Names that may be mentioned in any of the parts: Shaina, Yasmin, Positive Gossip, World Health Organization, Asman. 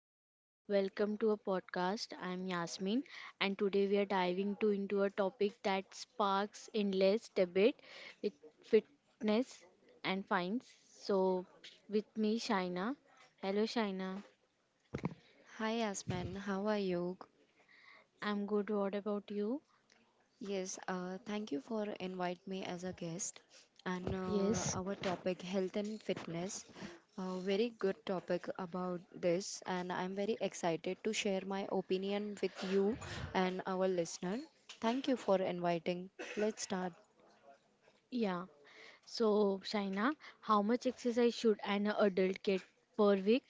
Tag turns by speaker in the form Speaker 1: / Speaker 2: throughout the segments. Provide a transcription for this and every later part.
Speaker 1: hello. Welcome to a podcast. I'm Yasmin, and today we are diving to into a topic that sparks endless debate with fitness and fines. So with me Shaina. Hello Shaina.
Speaker 2: Hi Asman, how are you?
Speaker 1: I'm good. What about you?
Speaker 2: Yes, thank you for invite me as a guest. And
Speaker 1: Yes.
Speaker 2: our topic health and fitness, a very good topic about this, and I'm very excited to share my opinion with you and our listener. Thank you for inviting. Let's start.
Speaker 1: Yeah. So Shaina, how much exercise should an adult get per week?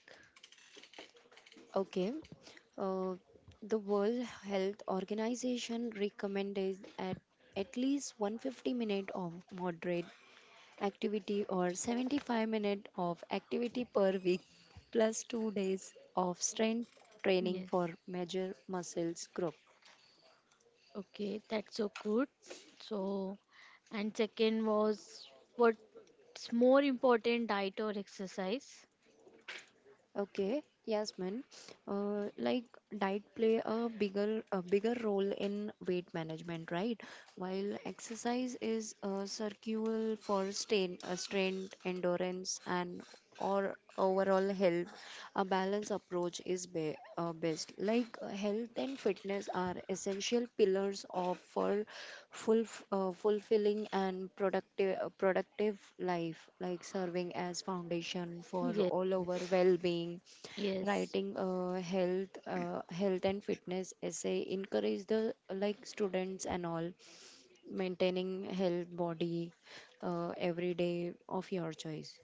Speaker 2: Okay. Uh, the World Health Organization recommended at least 150 minutes of moderate activity or 75 minutes of activity per week plus 2 days of strength training for
Speaker 1: Yes.
Speaker 2: major muscles group.
Speaker 1: Okay, that's so good. So, and second was, what's more important, diet or exercise?
Speaker 2: Okay, Yasmin, like diet play a bigger role in weight management, right? While exercise is a circular for strain strength, endurance and or overall health. A balanced approach is best. Like health and fitness are essential pillars of for full, fulfilling and productive life, like serving as foundation for
Speaker 1: Yes,
Speaker 2: all our
Speaker 1: yes,
Speaker 2: well-being.
Speaker 1: yes.
Speaker 2: Writing a health and fitness essay encourage the like students and all maintaining health body every day of your choice.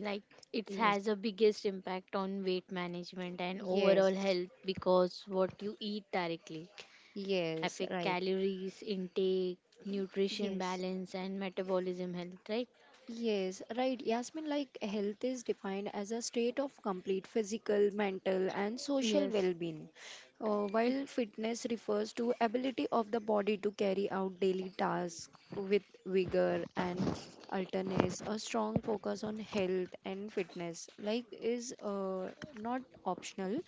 Speaker 1: Like it
Speaker 2: Yes.
Speaker 1: has a biggest impact on weight management and overall
Speaker 2: Yes.
Speaker 1: health because what you eat directly
Speaker 2: Yes,
Speaker 1: affect
Speaker 2: right.
Speaker 1: calories intake, nutrition
Speaker 2: Yes.
Speaker 1: balance, and metabolism health. Right?
Speaker 2: Yes, right. Yasmin, like health is defined as a state of complete physical, mental, and social
Speaker 1: Yes.
Speaker 2: well being,
Speaker 1: it-
Speaker 2: while fitness refers to ability of the body to carry out daily tasks with vigor and alertness. A strong focus on health and fitness, like, is not optional.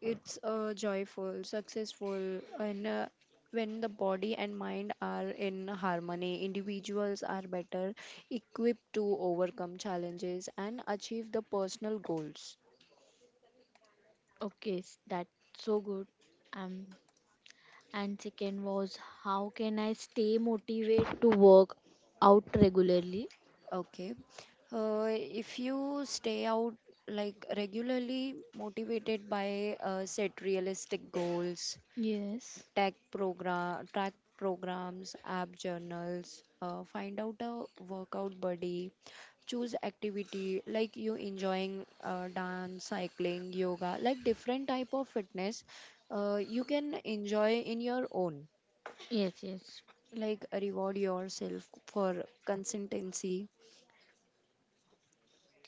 Speaker 2: It's joyful, successful, and when the body and mind are in harmony, individuals are better equipped to overcome challenges and achieve the personal goals.
Speaker 1: Okay, that's so good. Um, And second was, how can I stay motivated to work out regularly?
Speaker 2: Okay. If you stay out like regularly motivated by set realistic goals,
Speaker 1: Yes.
Speaker 2: tech program, track programs, app journals, find out a workout buddy, choose activity like you enjoying, dance, cycling, yoga, like different type of fitness you can enjoy in your own,
Speaker 1: Yes, yes.
Speaker 2: like reward yourself for consistency.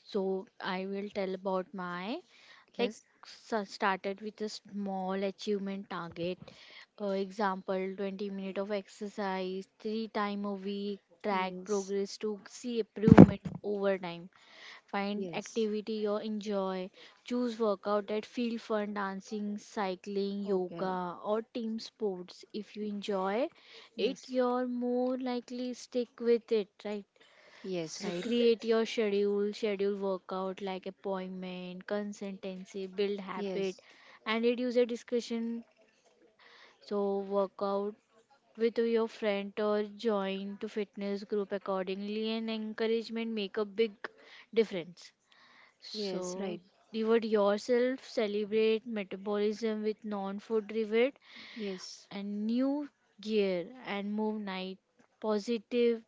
Speaker 1: So I will tell about my, like,
Speaker 2: Yes,
Speaker 1: started with a small achievement target. Example 20 minutes minute of exercise three time a week, track
Speaker 2: yes,
Speaker 1: progress to see improvement over time, find
Speaker 2: yes.
Speaker 1: activity you enjoy, choose workout that feel fun, dancing, cycling,
Speaker 2: Okay.
Speaker 1: yoga, or team sports. If you
Speaker 2: Y-
Speaker 1: enjoy it,
Speaker 2: yes.
Speaker 1: you're more likely stick with it, right?
Speaker 2: Yes,
Speaker 1: So
Speaker 2: right.
Speaker 1: create your schedule, workout like appointment. Consistency, build habit,
Speaker 2: Yes.
Speaker 1: and reduce your discretion. So workout with your friend or join to fitness group accordingly, and encouragement make a big difference.
Speaker 2: Yes,
Speaker 1: So
Speaker 2: right.
Speaker 1: reward yourself, celebrate metabolism with non-food reward
Speaker 2: Yes,
Speaker 1: and new gear, and move night positive,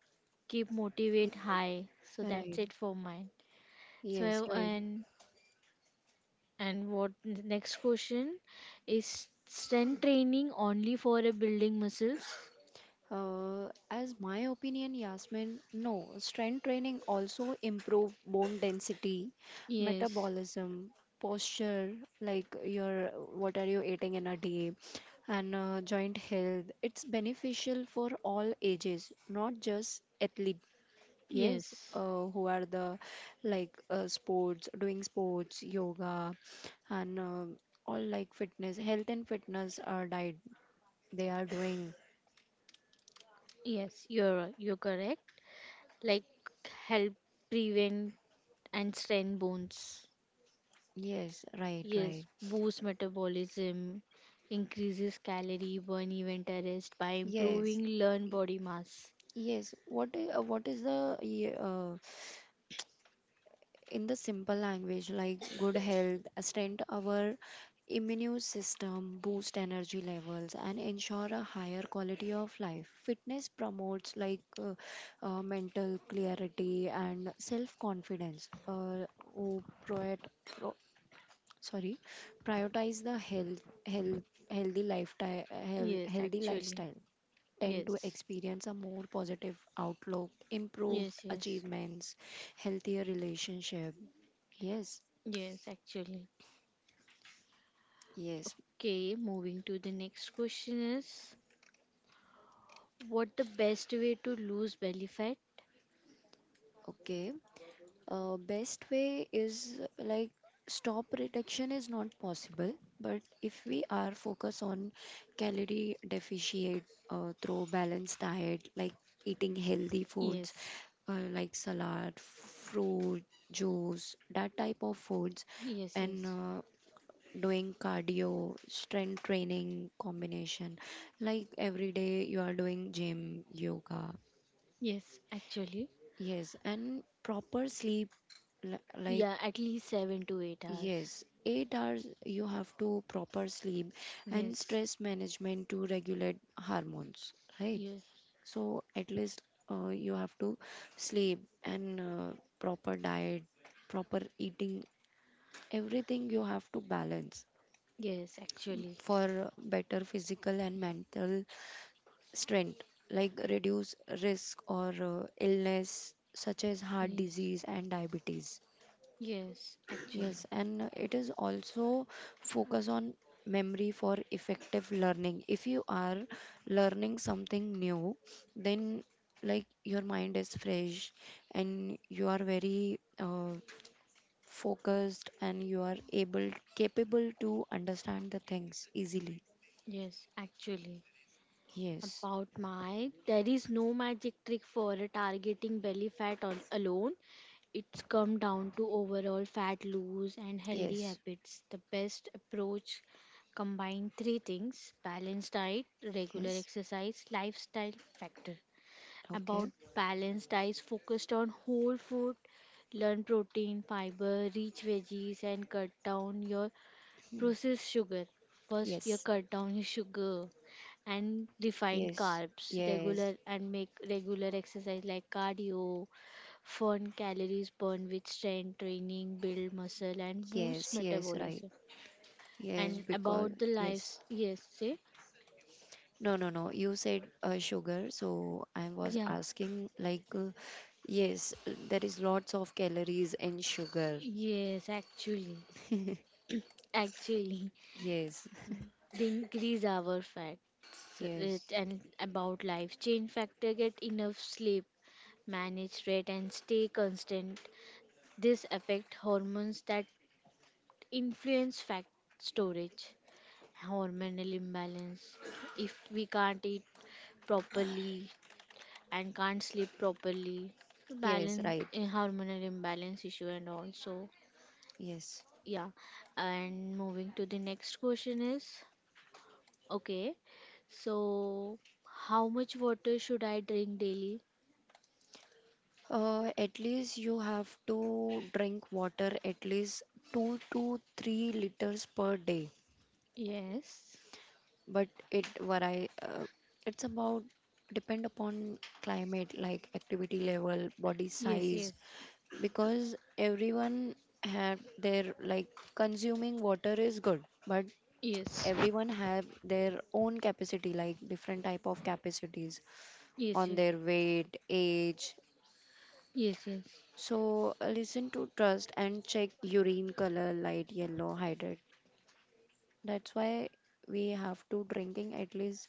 Speaker 1: keep motivate high. So that's
Speaker 2: right.
Speaker 1: it for mine.
Speaker 2: Yes,
Speaker 1: So,
Speaker 2: right.
Speaker 1: and what the next question is, strength training only for a building muscles?
Speaker 2: As my opinion, Yasmin, no. Strength training also improve bone density,
Speaker 1: Yes,
Speaker 2: metabolism, posture, like your what are you eating in a day, and joint health. It's beneficial for all ages, not just athlete. Yes,
Speaker 1: yes,
Speaker 2: who are the like sports, doing sports, yoga, and all like fitness, health and fitness diet they are doing.
Speaker 1: yes. You're right, you're correct. Like, help prevent and strengthen bones.
Speaker 2: Yes, right,
Speaker 1: Yes,
Speaker 2: right.
Speaker 1: boost metabolism, increases calorie burn event arrest by
Speaker 2: Yes,
Speaker 1: improving lean body mass.
Speaker 2: yes. What is in the simple language, like good health, strengthen our immune system, boost energy levels, and ensure a higher quality of life. Fitness promotes like mental clarity and self confidence. Who proet, pro, sorry, prioritize the healthy lifestyle,
Speaker 1: Yes,
Speaker 2: healthy
Speaker 1: actually.
Speaker 2: lifestyle tend to
Speaker 1: Yes,
Speaker 2: experience a more positive outlook, improved
Speaker 1: yes, yes,
Speaker 2: achievements, healthier relationship. Yes,
Speaker 1: yes. Actually,
Speaker 2: yes.
Speaker 1: okay, moving to the next question is, what the best way to lose belly fat?
Speaker 2: Okay. Best way is like stop reduction is not possible, but if we are focus on calorie deficient through balanced diet, like eating healthy foods,
Speaker 1: Yes.
Speaker 2: like salad, fruit, juice, that type of foods,
Speaker 1: Yes,
Speaker 2: and
Speaker 1: yes.
Speaker 2: uh, doing cardio, strength training combination. Like every day you are doing gym, yoga.
Speaker 1: Yes, actually.
Speaker 2: Yes, and proper sleep like
Speaker 1: Yeah, at least 7 to 8 hours.
Speaker 2: yes, 8 hours you have to proper sleep and
Speaker 1: Yes.
Speaker 2: stress management to regulate hormones, right?
Speaker 1: Yes.
Speaker 2: So at least you have to sleep and proper diet, proper eating, everything you have to balance
Speaker 1: Yes, actually.
Speaker 2: for better physical and mental strength, like reduce risk or illness such as heart
Speaker 1: Yes.
Speaker 2: disease and diabetes.
Speaker 1: Yes,
Speaker 2: Yes,
Speaker 1: actually.
Speaker 2: and it is also focus on memory for effective learning. If you are learning something new, then like your mind is fresh and you are very focused and you are able capable to understand the things easily.
Speaker 1: Yes, actually.
Speaker 2: Yes,
Speaker 1: About my, there is no magic trick for targeting belly fat on, alone. It's come down to overall fat loss and healthy
Speaker 2: yes,
Speaker 1: habits. The best approach combine three things, balanced diet, regular
Speaker 2: yes.
Speaker 1: exercise, lifestyle factor.
Speaker 2: Okay.
Speaker 1: About balanced diet, focused on whole food, learn protein, fiber, rich veggies, and cut down your processed sugar. First, you
Speaker 2: Yes.
Speaker 1: cut down your sugar and refined
Speaker 2: Yes,
Speaker 1: carbs
Speaker 2: yes,
Speaker 1: regular, and make regular exercise like cardio, fun calories burn with strength training, build muscle and
Speaker 2: yes,
Speaker 1: boost
Speaker 2: yes, right.
Speaker 1: metabolism.
Speaker 2: Yes,
Speaker 1: And
Speaker 2: because,
Speaker 1: about the
Speaker 2: yes.
Speaker 1: lives, yes, say,
Speaker 2: No, no, no. You said sugar, so I was
Speaker 1: yeah,
Speaker 2: asking, like, yes, there is lots of calories in sugar.
Speaker 1: yes, actually, actually,
Speaker 2: Yes,
Speaker 1: they increase our fat. So it,
Speaker 2: yes,
Speaker 1: and about life change factor, get enough sleep, manage stress and stay constant. This affect hormones that influence fat storage, hormonal imbalance. If we can't eat properly and can't sleep properly, to
Speaker 2: yes,
Speaker 1: balance
Speaker 2: right.
Speaker 1: hormonal imbalance issue and also
Speaker 2: Yes.
Speaker 1: yeah. And moving to the next question is, okay, so how much water should I drink daily?
Speaker 2: At least you have to drink water at least 2 to 3 liters per day.
Speaker 1: Yes.
Speaker 2: But it vary it's about depend upon climate like activity level, body
Speaker 1: Yes,
Speaker 2: size,
Speaker 1: yes.
Speaker 2: because everyone have their like consuming water is good but
Speaker 1: Yes.
Speaker 2: everyone have their own capacity, like different type of capacities
Speaker 1: Yes,
Speaker 2: on their
Speaker 1: yes.
Speaker 2: weight age.
Speaker 1: Yes, yes.
Speaker 2: So listen to trust and check urine color light yellow hydrate. That's why we have to drinking at least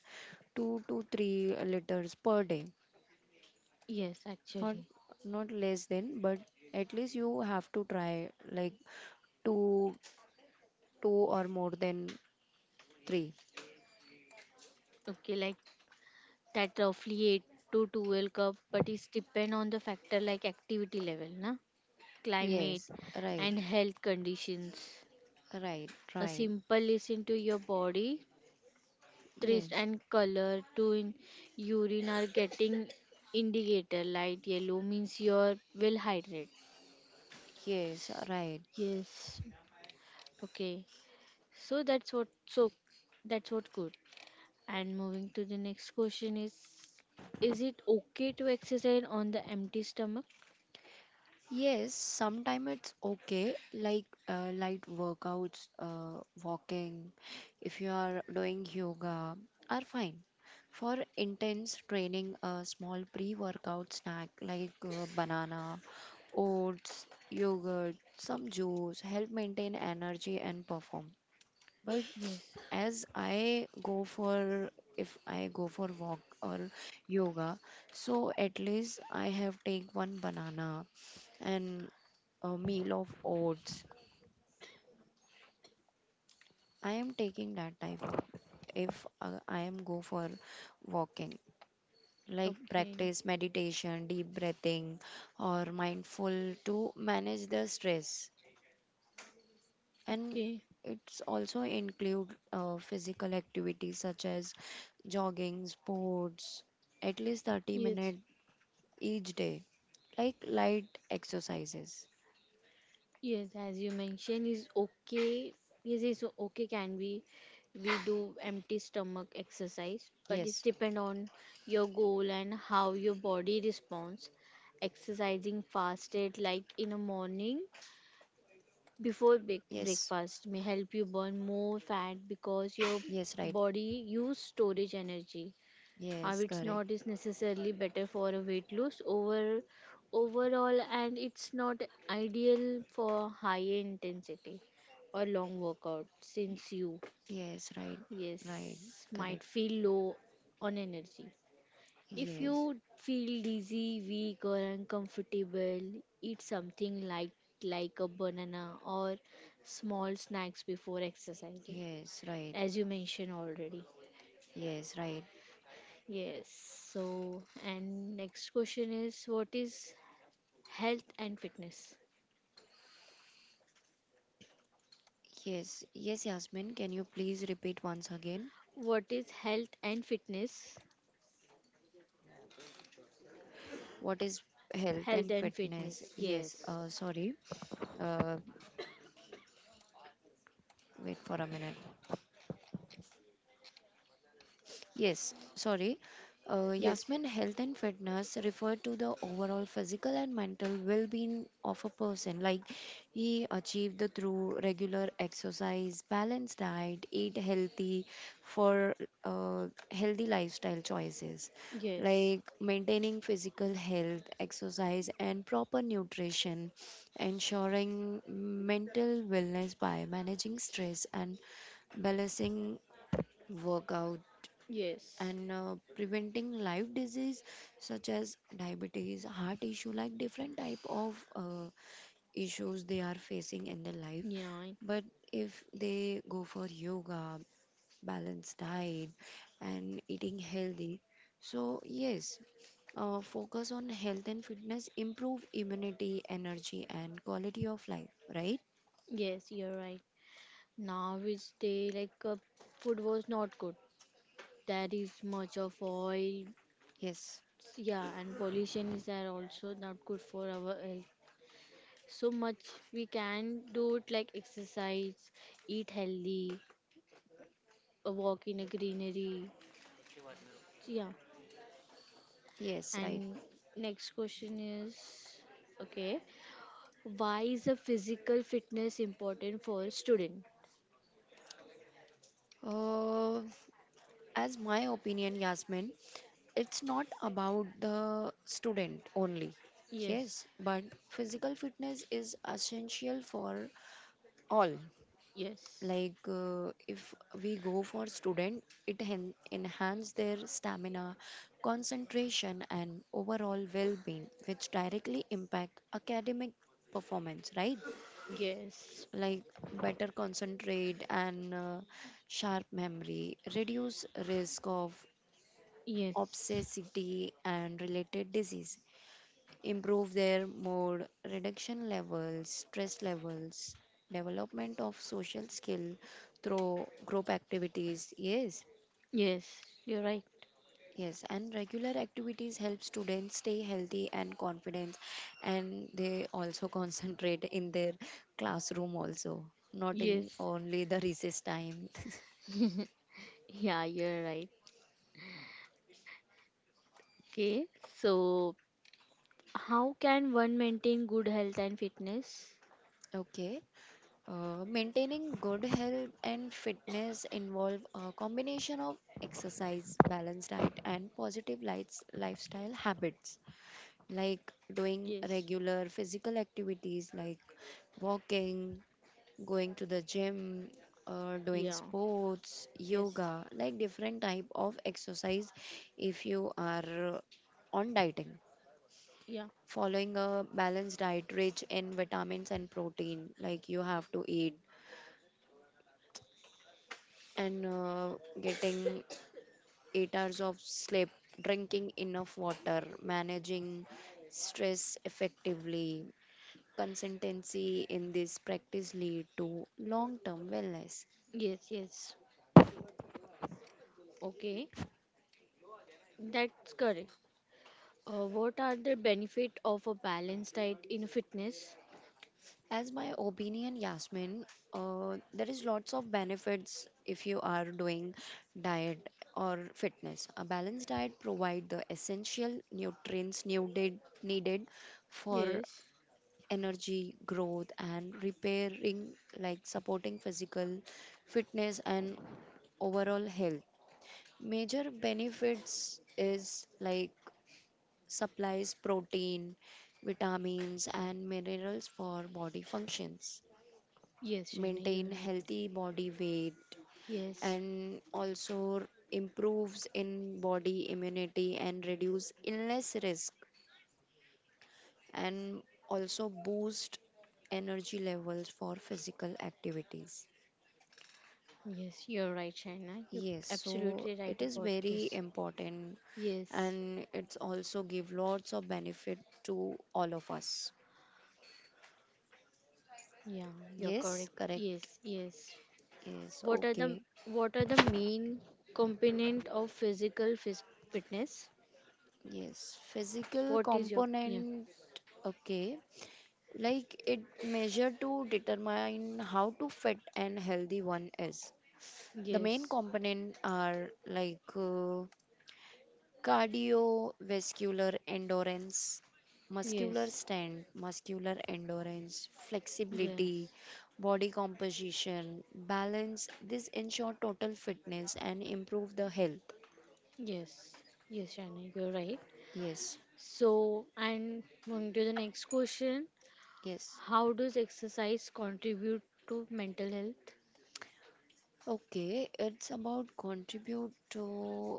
Speaker 2: 2 to 3 liters per day.
Speaker 1: Yes,
Speaker 2: Not
Speaker 1: actually.
Speaker 2: not less than, but at least you have to try like two two or more than three.
Speaker 1: Okay, like that, roughly 8 to 12 cup, but it's depend on the factor like activity level na, climate,
Speaker 2: Yes, right,
Speaker 1: and health conditions.
Speaker 2: right,
Speaker 1: A
Speaker 2: right.
Speaker 1: simple, listen to your body, taste
Speaker 2: Yes,
Speaker 1: and color to in urine are getting indicator. Light yellow means you're well hydrated.
Speaker 2: yes, right.
Speaker 1: Yes, okay. So that's what, so that's what good. And moving to the next question is it okay to exercise on the empty stomach?
Speaker 2: Yes, sometimes it's okay, like light workouts, walking, if you are doing yoga, are fine. For intense training, a small pre workout snack like banana, oats, yogurt, some juice help maintain energy and performance. But
Speaker 1: Yes.
Speaker 2: as I go for, if I go for walk or yoga, so at least I have take one banana and a meal of oats. I am taking that type of if I am go for walking, like
Speaker 1: Okay,
Speaker 2: practice meditation, deep breathing or mindful to manage the stress. And
Speaker 1: okay,
Speaker 2: it's also include physical activities such as jogging sports at least 30
Speaker 1: yes,
Speaker 2: minutes each day like light exercises.
Speaker 1: yes, as you mentioned, is okay. Yes, is okay. Can we do empty stomach exercise? But it's
Speaker 2: Yes,
Speaker 1: depend on your goal and how your body responds. Exercising fasted, like in the morning before big
Speaker 2: yes,
Speaker 1: breakfast, may help you burn more fat because your
Speaker 2: yes, right.
Speaker 1: body use storage energy. How
Speaker 2: Yes,
Speaker 1: it's
Speaker 2: correct.
Speaker 1: not is necessarily better for a weight loss overall, and it's not ideal for high intensity or long workout since you,
Speaker 2: Yes, right,
Speaker 1: yes,
Speaker 2: right,
Speaker 1: might
Speaker 2: correct.
Speaker 1: feel low on energy. If you
Speaker 2: Yes,
Speaker 1: feel dizzy, weak, or uncomfortable, eat something light, like a banana or small snacks before exercising,
Speaker 2: yes, right.
Speaker 1: as you mentioned already.
Speaker 2: Yes, right.
Speaker 1: Yes. So, and next question is, what is health and fitness?
Speaker 2: Yes, yes, Yasmin, can you please repeat once again,
Speaker 1: What is health and fitness?
Speaker 2: what is health
Speaker 1: Health
Speaker 2: and
Speaker 1: and
Speaker 2: fitness?
Speaker 1: fitness.
Speaker 2: Yes,
Speaker 1: Yes.
Speaker 2: sorry. uh, Wait for a minute. Yes, sorry.
Speaker 1: Yes.
Speaker 2: Yasmin, health and fitness refer to the overall physical and mental well being of a person, like he achieved through regular exercise, balanced diet, eat healthy for uh, healthy lifestyle choices,
Speaker 1: Yes.
Speaker 2: like maintaining physical health, exercise, and proper nutrition, ensuring mental wellness by managing stress and balancing workout
Speaker 1: Yes.
Speaker 2: and preventing life disease such as diabetes, heart issue, like different type of issues they are facing in their life.
Speaker 1: Yeah.
Speaker 2: But if they go for yoga, balanced diet and eating healthy, so yes, focus on health and fitness improve immunity, energy and quality of life, right?
Speaker 1: Yes, you're right. Now is day like, food was not good. There is much of oil.
Speaker 2: Yes,
Speaker 1: Yeah, and pollution is there also, not good for our health. So much we can do it, like exercise, eat healthy, a walk in a greenery. Yeah.
Speaker 2: yes, right.
Speaker 1: And next question is, okay, why is a physical fitness important for a student?
Speaker 2: uh, as my opinion, Yasmin, it's not about the student only.
Speaker 1: Yes.
Speaker 2: Yes, but physical fitness is essential for all.
Speaker 1: Yes.
Speaker 2: Like if we go for student, it enhance their stamina, concentration and overall well-being which directly impact academic performance, right?
Speaker 1: Yes.
Speaker 2: Like better concentrate and sharp memory, reduce risk of
Speaker 1: Yes.
Speaker 2: obesity and related disease, improve their mood, reduction levels, stress levels, development of social skill through group activities. Yes,
Speaker 1: Yes. You're right.
Speaker 2: yes, and regular activities help students stay healthy and confident, and they also concentrate in their classroom also, not in
Speaker 1: Yes.
Speaker 2: only the recess time.
Speaker 1: Yeah, you're right. Okay. So, how can one maintain good health and fitness?
Speaker 2: Okay. Maintaining good health and fitness involve a combination of exercise, balanced diet, and positive lights, lifestyle habits, like doing
Speaker 1: Yes.
Speaker 2: regular physical activities like walking, going to the gym, doing
Speaker 1: Yeah.
Speaker 2: sports,
Speaker 1: Yes.
Speaker 2: yoga, like different type of exercise. If you are uh, on dieting,
Speaker 1: Yeah.
Speaker 2: following a balanced diet rich in vitamins and protein like you have to eat, and getting 8 hours of sleep, drinking enough water, managing stress effectively. Consistency in this practice lead to long-term wellness.
Speaker 1: Yes, yes. Okay. That's correct. What are the benefit of a balanced diet in fitness?
Speaker 2: As my opinion, Yasmin, there is lots of benefits if you are doing diet or fitness. A balanced diet provide the essential nutrients needed for
Speaker 1: Yes,
Speaker 2: energy growth and repairing, like supporting physical fitness and overall health. Major benefits is like supplies protein, vitamins and minerals for body functions,
Speaker 1: yes, Shaina,
Speaker 2: maintain
Speaker 1: you're right.
Speaker 2: healthy body weight
Speaker 1: Yes,
Speaker 2: and also improves in body immunity and reduce illness risk and also boost energy levels for physical activities.
Speaker 1: yes, you're right, Shaina. You're
Speaker 2: Yes, so
Speaker 1: absolutely right
Speaker 2: it is
Speaker 1: about
Speaker 2: very
Speaker 1: this.
Speaker 2: important
Speaker 1: Yes,
Speaker 2: and it's also give lots of benefit to all of us.
Speaker 1: yeah, you're
Speaker 2: Yes,
Speaker 1: correct.
Speaker 2: correct.
Speaker 1: Yes, yes.
Speaker 2: Yes,
Speaker 1: What are the
Speaker 2: okay.
Speaker 1: what are the main component of physical fitness?
Speaker 2: Yes, physical
Speaker 1: What is your yeah?
Speaker 2: component. Okay. Like it measure to determine how to fit and healthy one is. The main
Speaker 1: Yes,
Speaker 2: component are like cardiovascular endurance, muscular
Speaker 1: yes,
Speaker 2: strength, muscular endurance, flexibility,
Speaker 1: yes.
Speaker 2: body composition, balance. This ensure total fitness and improve the health.
Speaker 1: Yes, yes, Shana, you're right.
Speaker 2: Yes,
Speaker 1: So, and moving to the next question.
Speaker 2: yes.
Speaker 1: How does exercise contribute to mental health?
Speaker 2: Okay, it's about contribute to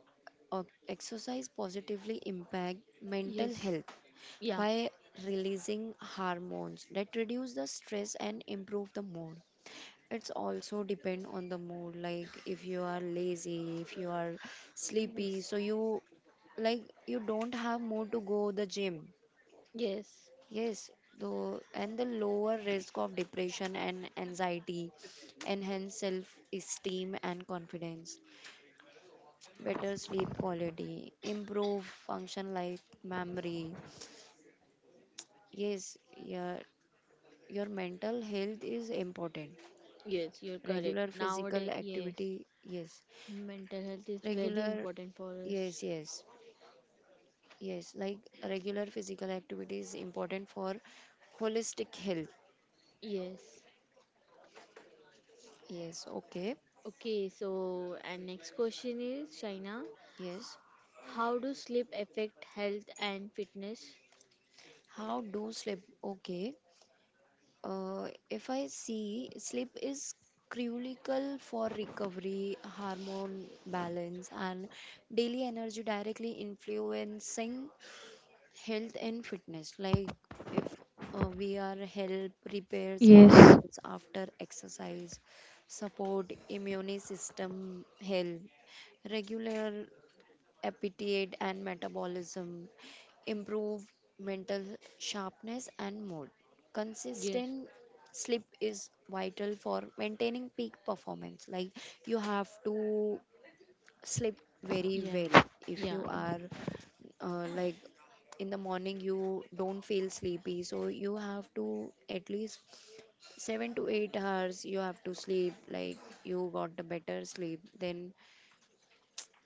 Speaker 2: uh, exercise positively impact mental
Speaker 1: Yes.
Speaker 2: health
Speaker 1: Yeah.
Speaker 2: by releasing hormones that reduce the stress and improve the mood. It's also depend on the mood. Like if you are lazy, if you are sleepy,
Speaker 1: Yes.
Speaker 2: so you like you don't have mood to go the gym.
Speaker 1: Yes.
Speaker 2: Yes, though, and the lower risk of depression and anxiety, enhance self-esteem and confidence, better sleep quality, improve function like memory. Yes, yeah, your mental health is important.
Speaker 1: Yes, you're correct.
Speaker 2: Regular physical
Speaker 1: Nowadays, yes.
Speaker 2: activity, yes,
Speaker 1: Mental health is very
Speaker 2: regular,
Speaker 1: important for us.
Speaker 2: yes, yes, yes. Like regular physical activity is important for holistic health.
Speaker 1: Yes.
Speaker 2: Yes, okay,
Speaker 1: Okay, so and next question is, Shaina,
Speaker 2: yes.
Speaker 1: how do sleep affect health and fitness?
Speaker 2: How do sleep? Okay. If I see, sleep is critical for recovery, hormone balance, and daily energy, directly influencing health and fitness. Like if we are help repairs
Speaker 1: Yes.
Speaker 2: muscles after exercise, support immune system health, regular appetite and metabolism, improve mental sharpness and mood.
Speaker 1: Yes.
Speaker 2: Consistent sleep is vital for maintaining peak performance. Like you have to sleep very
Speaker 1: Yeah.
Speaker 2: well, if
Speaker 1: Yeah.
Speaker 2: you are like in the morning you don't feel sleepy, so you have to at least 7 to 8 hours you have to sleep, like you got a better sleep, then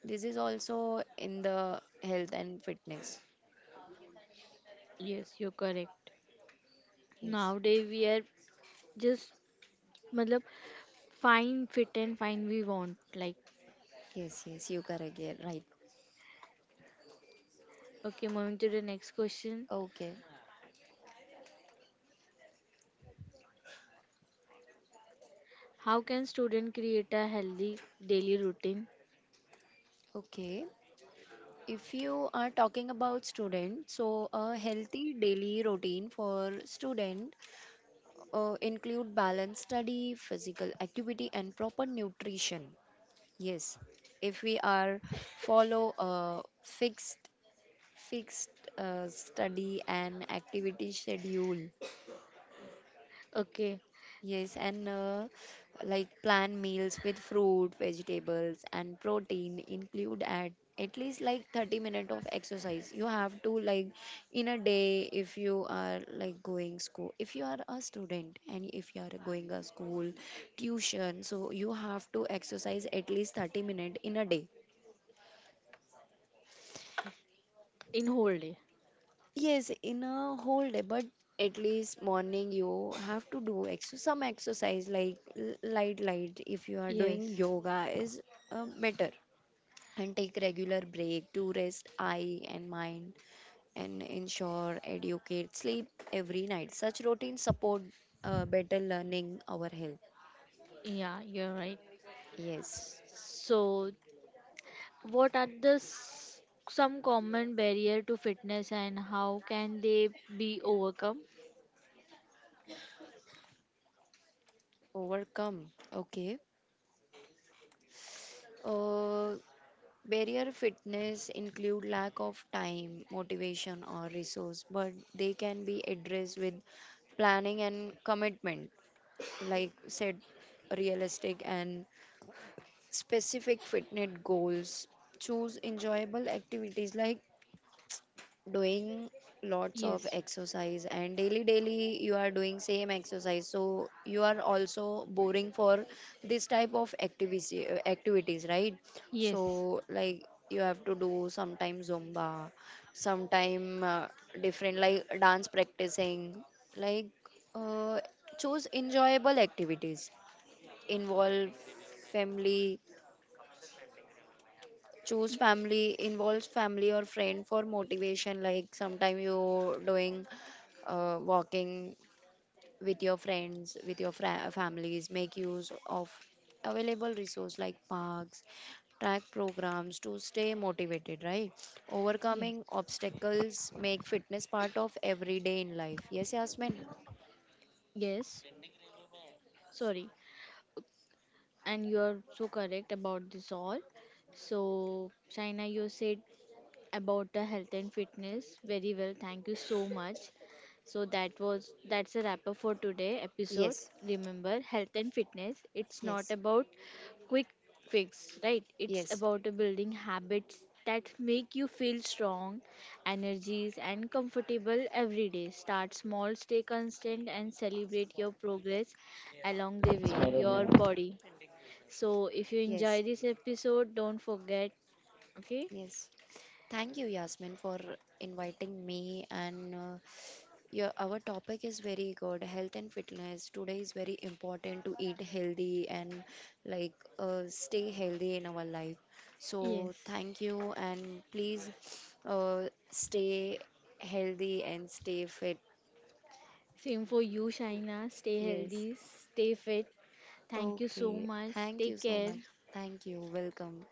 Speaker 2: this is also in the health and fitness.
Speaker 1: Yes, you're correct.
Speaker 2: Yes,
Speaker 1: Nowadays we are just मतलब fine, fit, and fine we want. Like,
Speaker 2: yes, yes, you correct, yeah, right.
Speaker 1: okay, moving to the next question.
Speaker 2: Okay.
Speaker 1: How can student create a healthy daily routine?
Speaker 2: Okay, if you are talking about student, so a healthy daily routine for student include balanced study, physical activity and proper nutrition. Yes, if we are follow a fixed study and activity schedule.
Speaker 1: Okay,
Speaker 2: Yes, and like plan meals with fruit, vegetables, and protein, include at least like 30 minutes of exercise. You have to like in a day, if you are like going school, if you are a student and if you are going a school tuition, so you have to exercise at least 30 minutes in a day.
Speaker 1: in whole day.
Speaker 2: Yes, in a whole day, but at least morning you have to do ex some exercise like light light, if you are
Speaker 1: Yes,
Speaker 2: doing yoga is better, and take regular break to rest eye and mind and ensure educate sleep every night. Such routines support better learning our health.
Speaker 1: yeah, you're right.
Speaker 2: Yes,
Speaker 1: So, what are the some common barrier to fitness and how can they be overcome?
Speaker 2: overcome. Okay. Uh, Barrier fitness include lack of time, motivation or resource, but they can be addressed with planning and commitment. Like said, realistic and specific fitness goals. Choose enjoyable activities like doing lots of
Speaker 1: Yes,
Speaker 2: exercise and daily daily you are doing same exercise, so you are also boring for this type of activity activities, right?
Speaker 1: yes,
Speaker 2: So like you have to do sometime zumba, sometime different like dance practicing, like uh, choose enjoyable activities, involve family, choose
Speaker 1: y-
Speaker 2: family involves family or friend for motivation, like sometime you doing walking with your friends, with your families, make use of available resource like parks, track programs to stay motivated, right?
Speaker 1: yes,
Speaker 2: Overcoming obstacles make fitness part of everyday in life. Yes Yasmin,
Speaker 1: yes. Sorry, and you are so correct about this all. So, Shaina, you said about the health and fitness very well. Thank you so much. So that was, that's a wrap up for today episode.
Speaker 2: yes,
Speaker 1: Remember, health and fitness, it's not
Speaker 2: yes,
Speaker 1: about quick fix, right? It's
Speaker 2: yes,
Speaker 1: about building habits that make you feel strong, energies, and comfortable every day. Start small, stay constant, and celebrate your progress along the way. Your body. So if you
Speaker 2: yes,
Speaker 1: enjoy this episode, don't forget. Okay.
Speaker 2: yes. Thank you, Yasmin, for inviting me and yeah, our topic is very good. Health and fitness today is very important to eat healthy and like stay healthy in our life. So
Speaker 1: Yes.
Speaker 2: thank you and please uh, stay healthy and stay fit.
Speaker 1: Same for you, Shaina. Stay
Speaker 2: Yes.
Speaker 1: healthy, stay fit. Thank you so
Speaker 2: Okay.
Speaker 1: much.
Speaker 2: Thank you
Speaker 1: Take
Speaker 2: so
Speaker 1: care.
Speaker 2: much. Thank you. Welcome.